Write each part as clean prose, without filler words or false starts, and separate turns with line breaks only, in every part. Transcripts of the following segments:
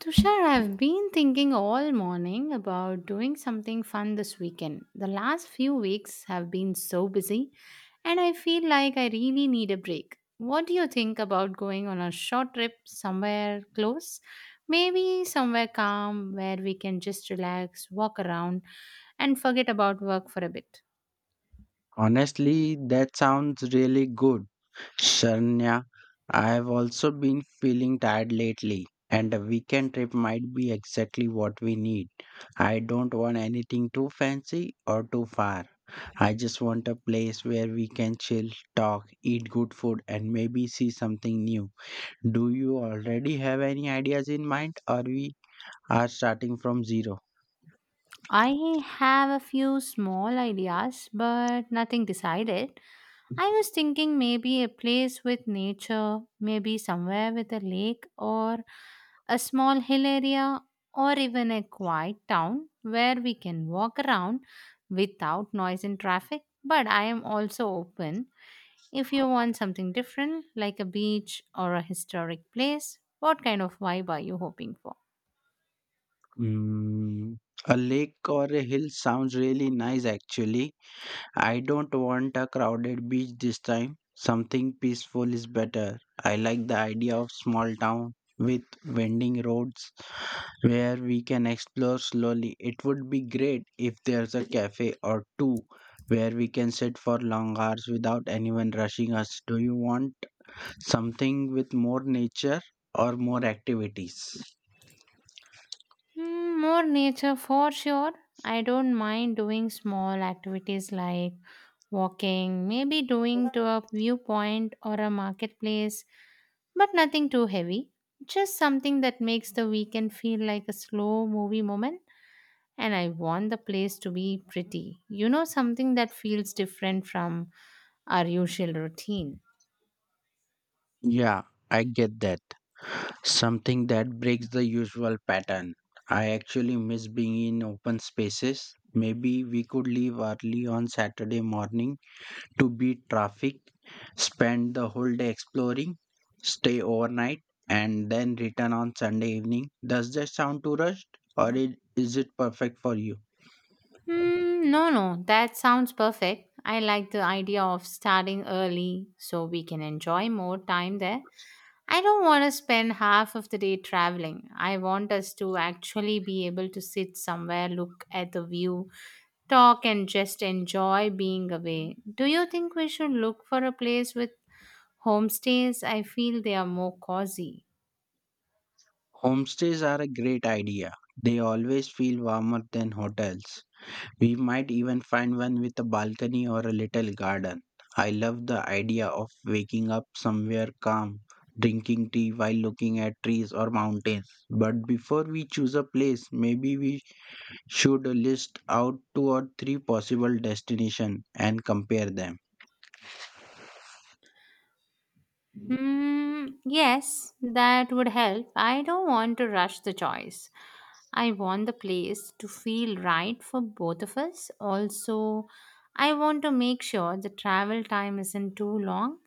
Tushar, I've been thinking all morning about doing something fun this weekend. The last few weeks have been so busy, and I feel like I really need a break. What do you think about going on a short trip somewhere close? Maybe somewhere calm where we can just relax, walk around, and forget about work for a bit.
Honestly, that sounds really good, Sharnya. I've also been feeling tired lately, and a weekend trip might be exactly what we need. I don't want anything too fancy or too far. I just want a place where we can chill, talk, eat good food, and maybe see something new. Do you already have any ideas in mind, or we are starting from zero?
I have a few small ideas, but nothing decided. I was thinking maybe a place with nature, maybe somewhere with a lake or a small hill area or even a quiet town where we can walk around without noise and traffic. But I am also open if you want something different, like a beach or a historic place. What kind of vibe are you hoping for?
Mm, a lake or a hill sounds really nice actually. I don't want a crowded beach this time. Something peaceful is better. I like the idea of small town with winding roads where we can explore slowly. It would be great if there's a cafe or two where we can sit for long hours without anyone rushing us. Do you want something with more nature or more activities?
More nature for sure. I don't mind doing small activities like walking, maybe doing to a viewpoint or a marketplace, but nothing too heavy. Just something that makes the weekend feel like a slow movie moment. And I want the place to be pretty. Something that feels different from our usual routine.
Yeah, I get that. Something that breaks the usual pattern. I actually miss being in open spaces. Maybe we could leave early on Saturday morning to beat traffic, spend the whole day exploring, stay overnight, and then return on Sunday evening. Does that sound too rushed, or is it perfect for you?
Hmm, no, no, that sounds perfect. I like the idea of starting early so we can enjoy more time there. I don't want to spend half of the day traveling. I want us to actually be able to sit somewhere, look at the view, talk, and just enjoy being away. Do you think we should look for a place with homestays? I feel they are more cozy.
Homestays are a great idea. They always feel warmer than hotels. We might even find one with a balcony or a little garden. I love the idea of waking up somewhere calm, drinking tea while looking at trees or mountains. But before we choose a place, maybe we should list out two or three possible destinations and compare them.
Hmm, yes, that would help. I don't want to rush the choice. I want the place to feel right for both of us. Also, I want to make sure the travel time isn't too long.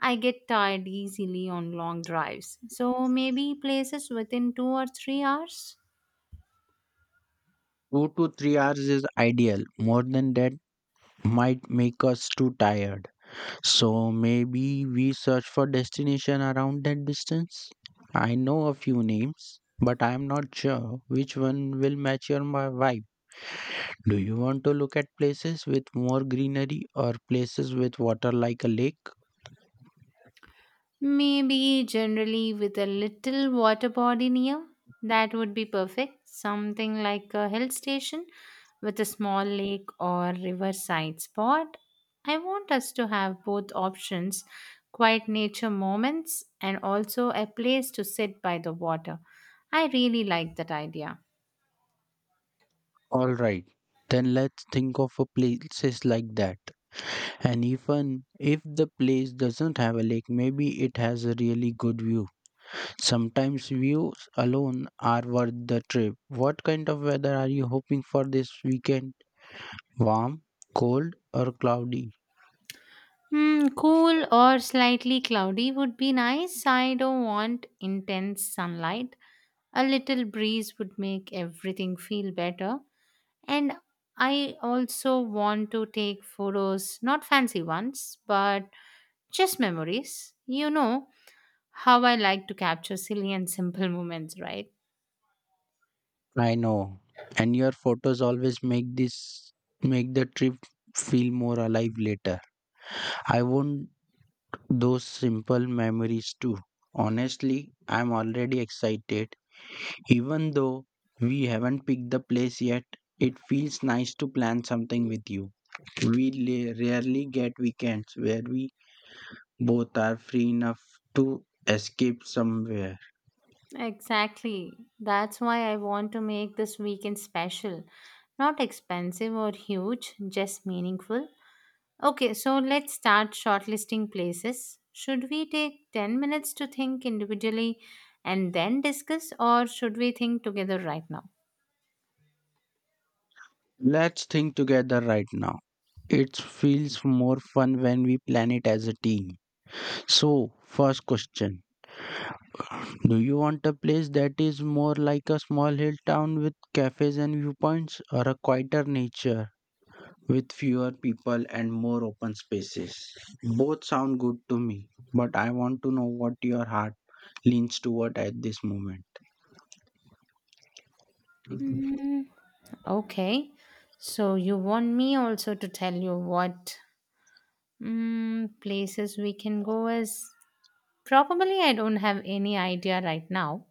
I get tired easily on long drives. So maybe places within 2 or 3 hours.
2 to 3 hours is ideal. More than that might make us too tired. So maybe we search for destination around that distance. I know a few names, but I am not sure which one will match your my vibe. Do you want to look at places with more greenery or places with water like a lake?
Maybe generally with a little water body near. That would be perfect. Something like a hill station with a small lake or riverside spot. I want us to have both options quiet nature moments and also a place to sit by the water. I really like that idea.
All right. Then let's think of a places like that. And even if the place doesn't have a lake, maybe it has a really good view. Sometimes views alone are worth the trip. What kind of weather are you hoping for this weekend? Warm, cold, or cloudy?
Cool or slightly cloudy would be nice. I don't want intense sunlight. A little breeze would make everything feel better. And I also want to take photos, not fancy ones, but just memories. You know how I like to capture silly and simple moments, right?
I know. And your photos always make this make the trip feel more alive later. I want those simple memories too. Honestly, I'm already excited. Even though we haven't picked the place yet, it feels nice to plan something with you. Rarely get weekends where we both are free enough to escape somewhere.
Exactly. That's why I want to make this weekend special. Not expensive or huge, just meaningful. Okay, so let's start shortlisting places. Should we take 10 minutes to think individually and then discuss, or should we think together right now?
Let's think together right now. It feels more fun when we plan it as a team. So, first question: do you want a place that is more like a small hill town with cafes and viewpoints, or a quieter nature with fewer people and more open spaces? Both sound good to me, but I want to know what your heart leans toward at this moment.
Hmm. Okay, so you want me also to tell you what places we can go as? Probably I don't have any idea right now.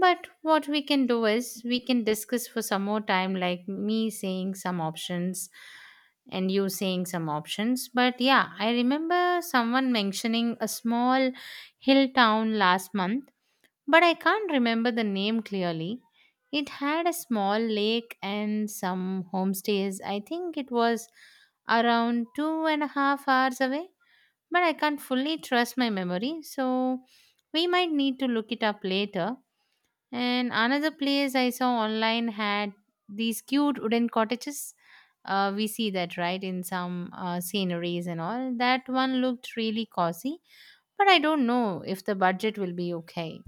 But what we can do is we can discuss for some more time, like me saying some options and you saying some options. But yeah, I remember someone mentioning a small hill town last month, but I can't remember the name clearly. It had a small lake and some homestays. I think it was around 2.5 hours away, but I can't fully trust my memory, so we might need to look it up later. And another place I saw online had these cute wooden cottages. We see that right in some sceneries and all. That one looked really cozy, but I don't know if the budget will be okay.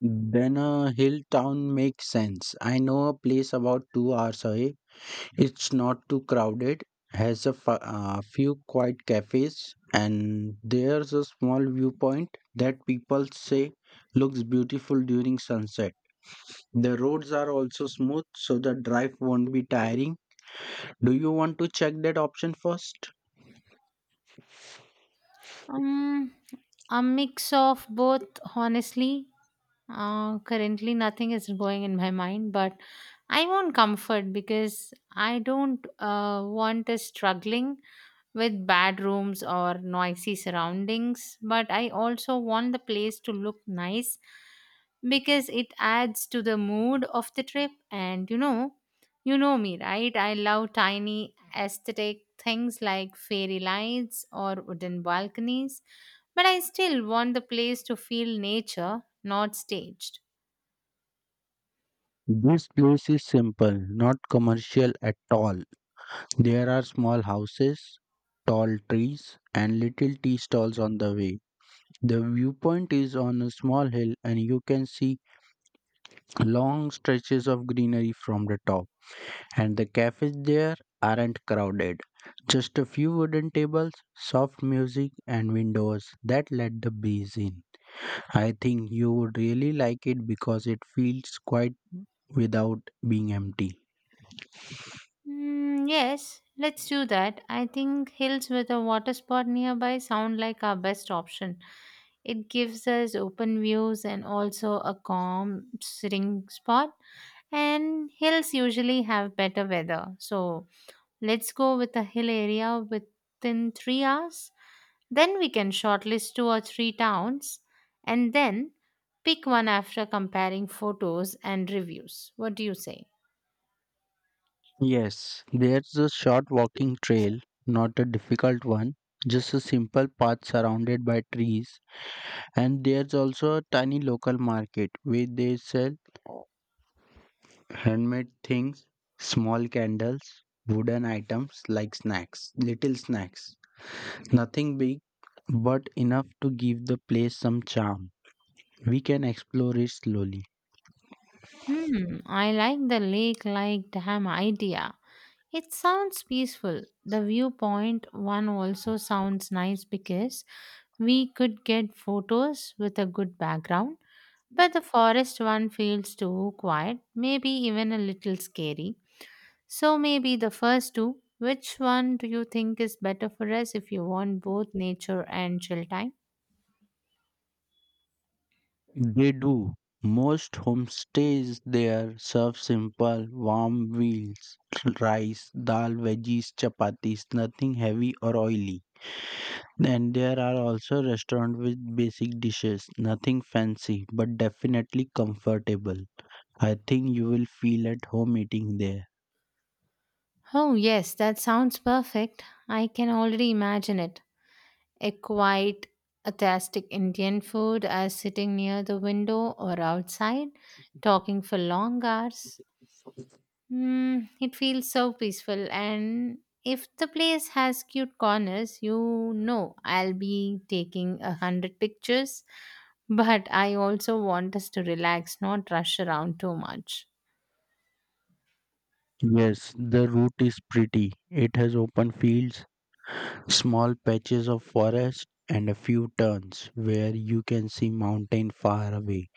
Then a hill town makes sense. I know a place about 2 hours away. It's not too crowded, has a few quiet cafes, and there's a small viewpoint that people say looks beautiful during sunset. The roads are also smooth, so the drive won't be tiring. Do you want to check that option first?
Um, a mix of both, honestly. Currently, nothing is going in my mind, but I want comfort because I don't want a struggling with bad rooms or noisy surroundings, but I also want the place to look nice because it adds to the mood of the trip. And you know me, right? I love tiny aesthetic things like fairy lights or wooden balconies, but I still want the place to feel nature, not staged.
This place is simple, not commercial at all. There are small houses, tall trees, and little tea stalls on the way. The viewpoint is on a small hill, and you can see long stretches of greenery from the top. And the cafes there aren't crowded. Just a few wooden tables, soft music, and windows that let the breeze in. I think you would really like it because it feels quiet without being empty.
Mm, yes, let's do that. I think hills with a water spot nearby sound like our best option. It gives us open views and also a calm sitting spot. And hills usually have better weather. So let's go with a hill area within 3 hours. Then we can shortlist two or three towns and then pick one after comparing photos and reviews. What do you say?
Yes, there's a short walking trail, not a difficult one, just a simple path surrounded by trees. And there's also a tiny local market where they sell handmade things, small candles, wooden items like snacks, little snacks. Nothing big, but enough to give the place some charm. We can explore it slowly.
I like the lake like dam idea. It sounds peaceful. The viewpoint one also sounds nice because we could get photos with a good background, but the forest one feels too quiet, maybe even a little scary. So maybe the first two. Which one do you think is better for us if you want both nature and chill time?
They do. Most homestays there serve simple, warm meals: rice, dal, veggies, chapatis, nothing heavy or oily. Then there are also restaurants with basic dishes, nothing fancy but definitely comfortable. I think you will feel at home eating there.
Oh, yes, that sounds perfect. I can already imagine it. A quiet, atastic Indian food as sitting near the window or outside, talking for long hours. It feels so peaceful, and if the place has cute corners, you know I'll be taking 100 pictures. But I also want us to relax, not rush around too much.
Yes, the route is pretty. It has open fields, small patches of forest, and a few turns where you can see mountain far away.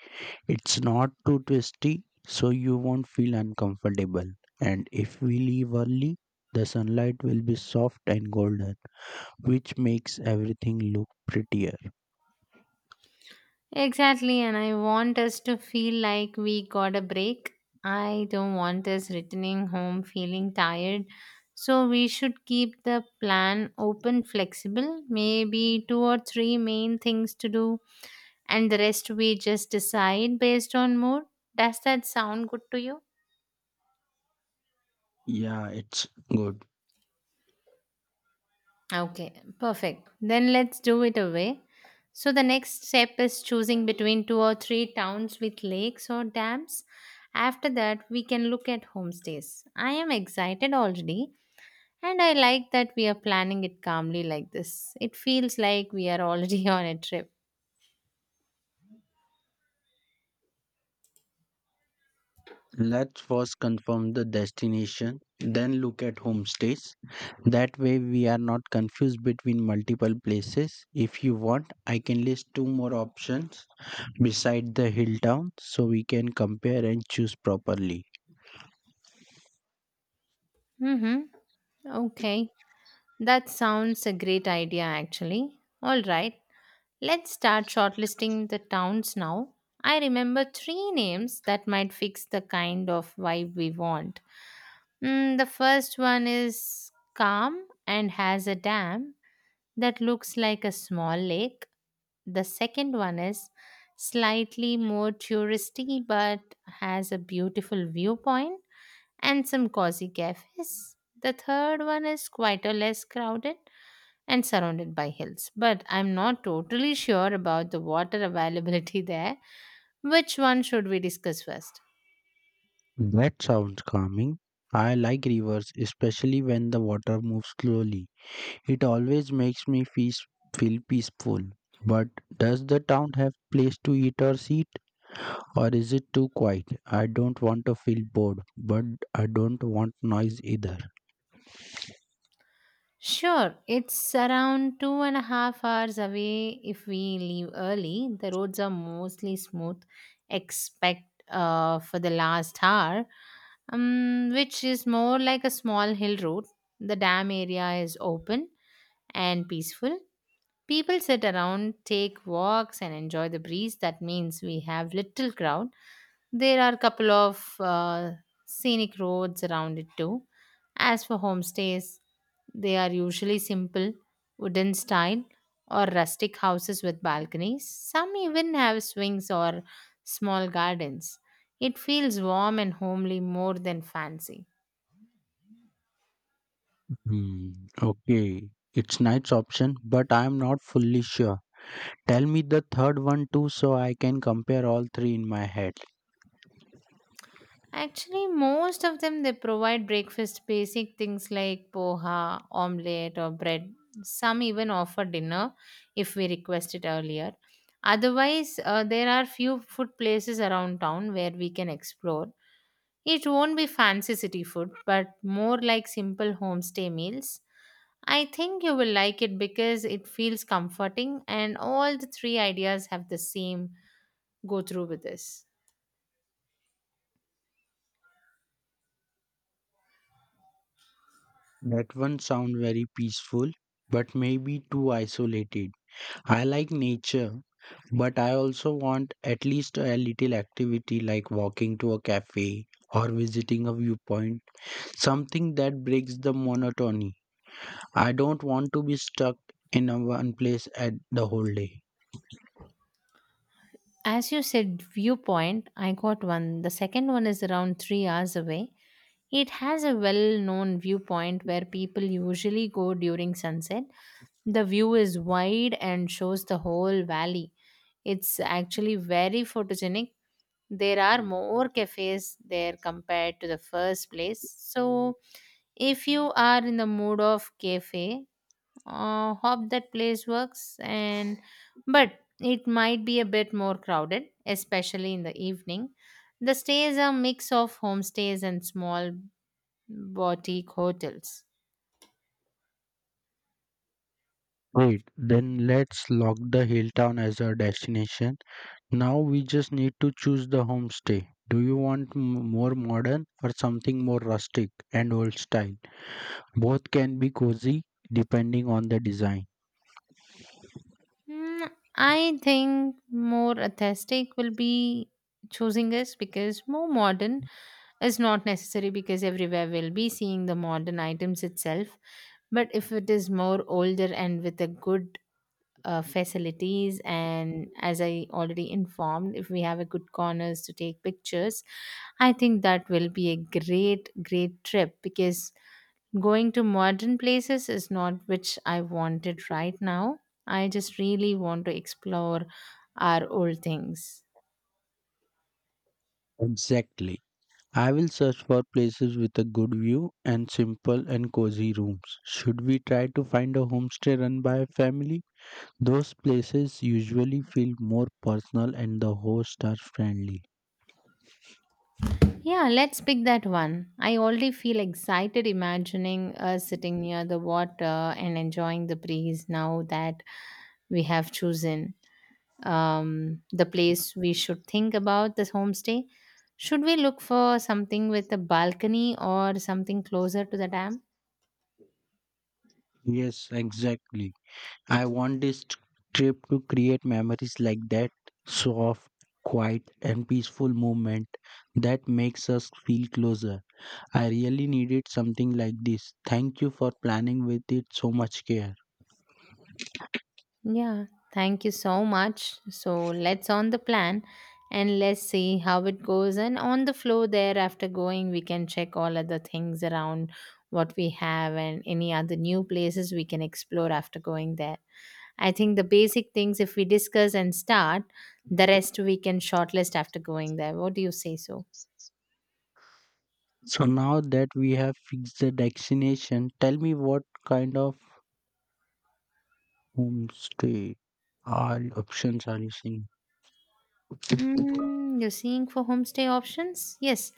It's not too twisty, so you won't feel uncomfortable. And if we leave early, the sunlight will be soft and golden, which makes everything look prettier.
Exactly, and I want us to feel like we got a break. I don't want us returning home feeling tired. So we should keep the plan open, flexible, maybe two or three main things to do, and the rest we just decide based on mood. Does that sound good to you?
Yeah, it's good.
Okay, perfect. Then let's do it away. So the next step is choosing between two or three towns with lakes or dams. After that, we can look at homestays. I am excited already, and I like that we are planning it calmly like this. It feels like we are already on a trip.
Let's first confirm the destination, then look at homestays. That way, we are not confused between multiple places. If you want, I can list two more options beside the hill town so we can compare and choose properly.
Mm-hmm. Okay. That sounds a great idea, actually. All right. Let's start shortlisting the towns now. I remember three names that might fix the kind of vibe we want. The first one is calm and has a dam that looks like a small lake. The second one is slightly more touristy but has a beautiful viewpoint and some cozy cafes. The third one is quite a less crowded and surrounded by hills. But I'm not totally sure about the water availability there. Which one should we discuss first?
That sounds calming. I like rivers, especially when the water moves slowly. It always makes me feel peaceful. But does the town have place to eat or sit, or is it too quiet? I don't want to feel bored, but I don't want noise either.
Sure, it's around 2.5 hours away if we leave early. The roads are mostly smooth, except for the last hour, which is more like a small hill road. The dam area is open and peaceful. People sit around, take walks, and enjoy the breeze. That means we have little crowd. There are a couple of scenic roads around it too. As for homestays, they are usually simple, wooden style, or rustic houses with balconies. Some even have swings or small gardens. It feels warm and homely more than fancy.
Hmm, okay. It's nice option, but I'm not fully sure. Tell me the third one too so I can compare all three in my head.
Actually, most of them they provide breakfast basic things like poha, omelette, or bread. Some even offer dinner if we request it earlier. Otherwise, there are few food places around town where we can explore. It won't be fancy city food, but more like simple homestay meals. I think you will like it because it feels comforting, and all the three ideas have the same go through with this.
That one sound very peaceful, but maybe too isolated. I like nature, but I also want at least a little activity like walking to a cafe or visiting a viewpoint, something that breaks the monotony. I don't want to be stuck in a one place at the whole day.
As you said, viewpoint, I got one. The second one is around 3 hours away. It has a well known viewpoint where people usually go during sunset. The view is wide and shows the whole valley. It's actually very photogenic. There are more cafes there compared to the first place. So, if you are in the mood of cafe, hope that place works and but it might be a bit more crowded, especially in the evening. The stays are mix of homestays and small boutique hotels.
Wait, then let's lock the hill town as our destination. Now we just need to choose the homestay. Do you want more modern or something more rustic and old style? Both can be cozy depending on the design.
I think more aesthetic will be choosing this because more modern is not necessary because everywhere we'll be seeing the modern items itself. But if it is more older and with a good facilities, and as I already informed, if we have a good corners to take pictures, I think that will be a great trip because going to modern places is not which I wanted right now. I just really want to explore our old things.
Exactly. I will search for places with a good view and simple and cozy rooms. Should we try to find a homestay run by a family? Those places usually feel more personal and the hosts are friendly.
Yeah, let's pick that one. I already feel excited imagining us sitting near the water and enjoying the breeze. Now that we have chosen the place, we should think about this homestay? Should we look for something with a balcony or something closer to the dam?
Yes, exactly. I want trip to create memories like that soft, quiet, and peaceful moment that makes us feel closer. I really needed something like this. Thank you for planning with it so much care.
Yeah, thank you so much. So let's on the plan and let's see how it goes. And on the flow there, after going, we can check all other things around what we have and any other new places we can explore after going there. I think the basic things, if we discuss and start, the rest we can shortlist after going there. What do you say so?
So now that we have fixed the destination, tell me what kind of homestay all options are you seeing?
You're seeing for homestay options? Yes.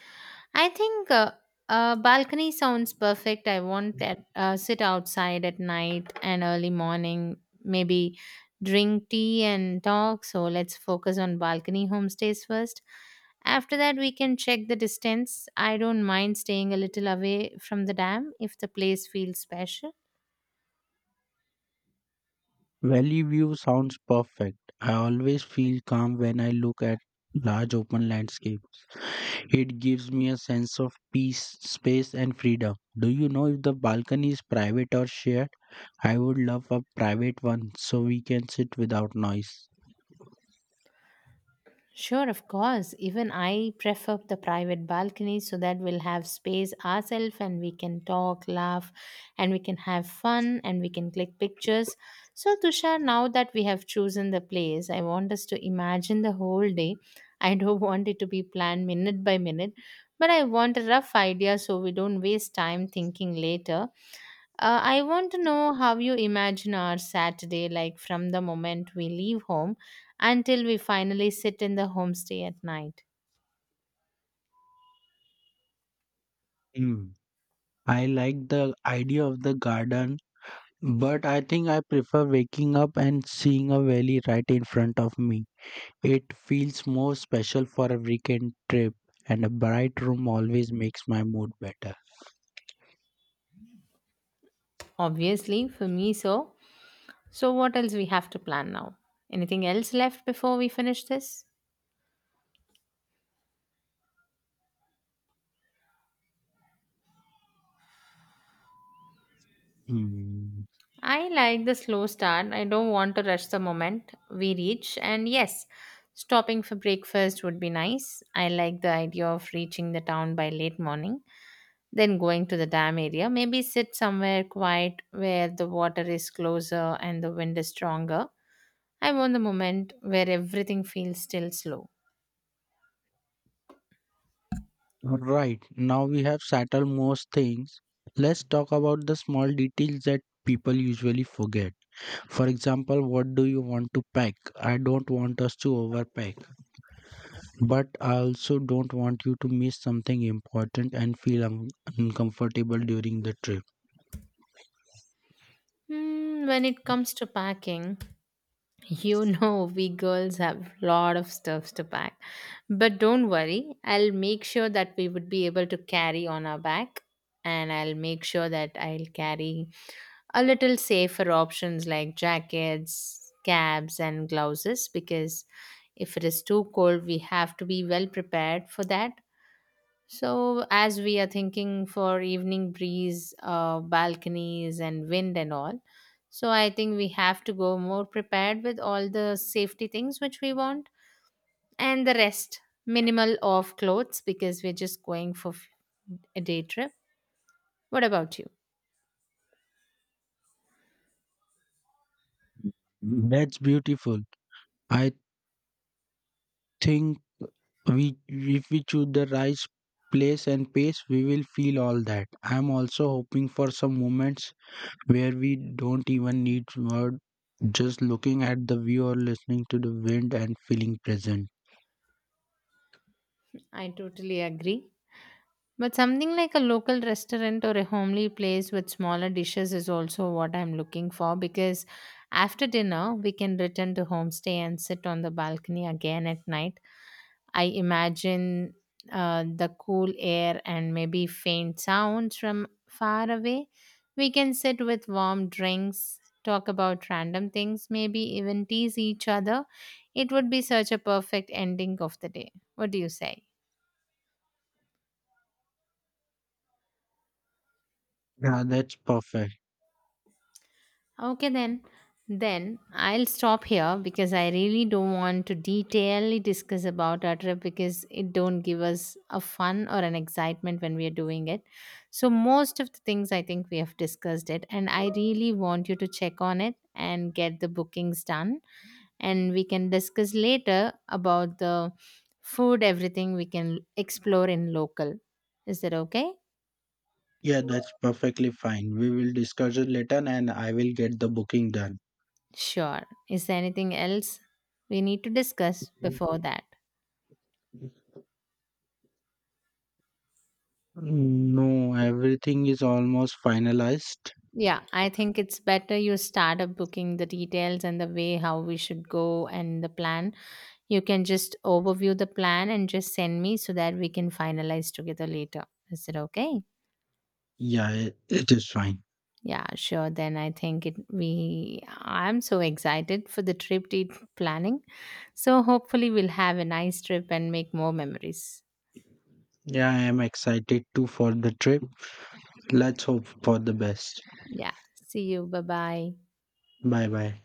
I think a balcony sounds perfect. I want that sit outside at night and early morning, maybe drink tea and talk. So let's focus on balcony homestays first. After that, we can check the distance. I don't mind staying a little away from the dam if the place feels special.
Valley view sounds perfect. I always feel calm when I look at large open landscape. It gives me a sense of peace, space and freedom. Do you know if the balcony is private or shared? I would love a private one so we can sit without noise.
Sure, of course. Even I prefer the private balcony so that we'll have space ourselves and we can talk, laugh, and we can have fun and we can click pictures. So, Tushar, now that we have chosen the place, I want us to imagine the whole day. I don't want it to be planned minute by minute, but I want a rough idea so we don't waste time thinking later. I want to know how you imagine our Saturday, like from the moment we leave home until we finally sit in the homestay at night.
Hmm. I like the idea of the garden, but I think I prefer waking up and seeing a valley right in front of me. It feels more special for a weekend trip, and a bright room always makes my mood better.
Obviously, for me, so. So, what else we have to plan now? Anything else left before we finish this?
Hmm.
I like the slow start. I don't want to rush the moment we reach. And yes, stopping for breakfast would be nice. I like the idea of reaching the town by late morning. Then going to the dam area, maybe sit somewhere quiet where the water is closer and the wind is stronger. I want the moment where everything feels still slow.
Right, now we have settled most things. Let's talk about the small details that people usually forget. For example, what do you want to pack? I don't want us to overpack. But I also don't want you to miss something important and feel uncomfortable during the trip.
Hmm, when it comes to packing, you know we girls have lot of stuffs to pack. But don't worry, I'll make sure that we would be able to carry on our back and I'll make sure that I'll carry a little safer options like jackets, caps, and gloves because if it is too cold, we have to be well prepared for that. So, as we are thinking for evening breeze, balconies, and wind and all, so I think we have to go more prepared with all the safety things which we want and the rest minimal of clothes because we're just going for a day trip. What about you?
That's beautiful. I think we if we choose the right place and pace, we will feel all that. I'm also hoping for some moments where we don't even need word, just looking at the view or listening to the wind and feeling present.
I totally agree. But something like a local restaurant or a homely place with smaller dishes is also what I'm looking for because after dinner we can return to homestay and sit on the balcony again at night. I imagine the cool air and maybe faint sounds from far away. We can sit with warm drinks, talk about random things, maybe even tease each other. It would be such a perfect ending of the day. What do you say?
Yeah, that's perfect.
Okay, then. Then I'll stop here because I really don't want to detailedly discuss about our trip because it don't give us a fun or an excitement when we are doing it. So most of the things I think we have discussed it, and I really want you to check on it and get the bookings done, and we can discuss later about the food, everything we can explore in local. Is that okay?
Yeah, that's perfectly fine. We will discuss it later and I will get the booking done.
Sure. Is there anything else we need to discuss before that?
Mm, no, everything is almost finalized.
Yeah, I think it's better you start up booking the details and the way how we should go and the plan. You can just overview the plan and just send me so that we can finalize together later. Is it okay?
Yeah, it is fine.
Yeah, sure. Then I think it we I'm so excited for the planning. So hopefully we'll have a nice trip and make more memories.
Yeah, I am excited too for the trip. Let's hope for the best.
Yeah. See you. Bye-bye.
Bye bye.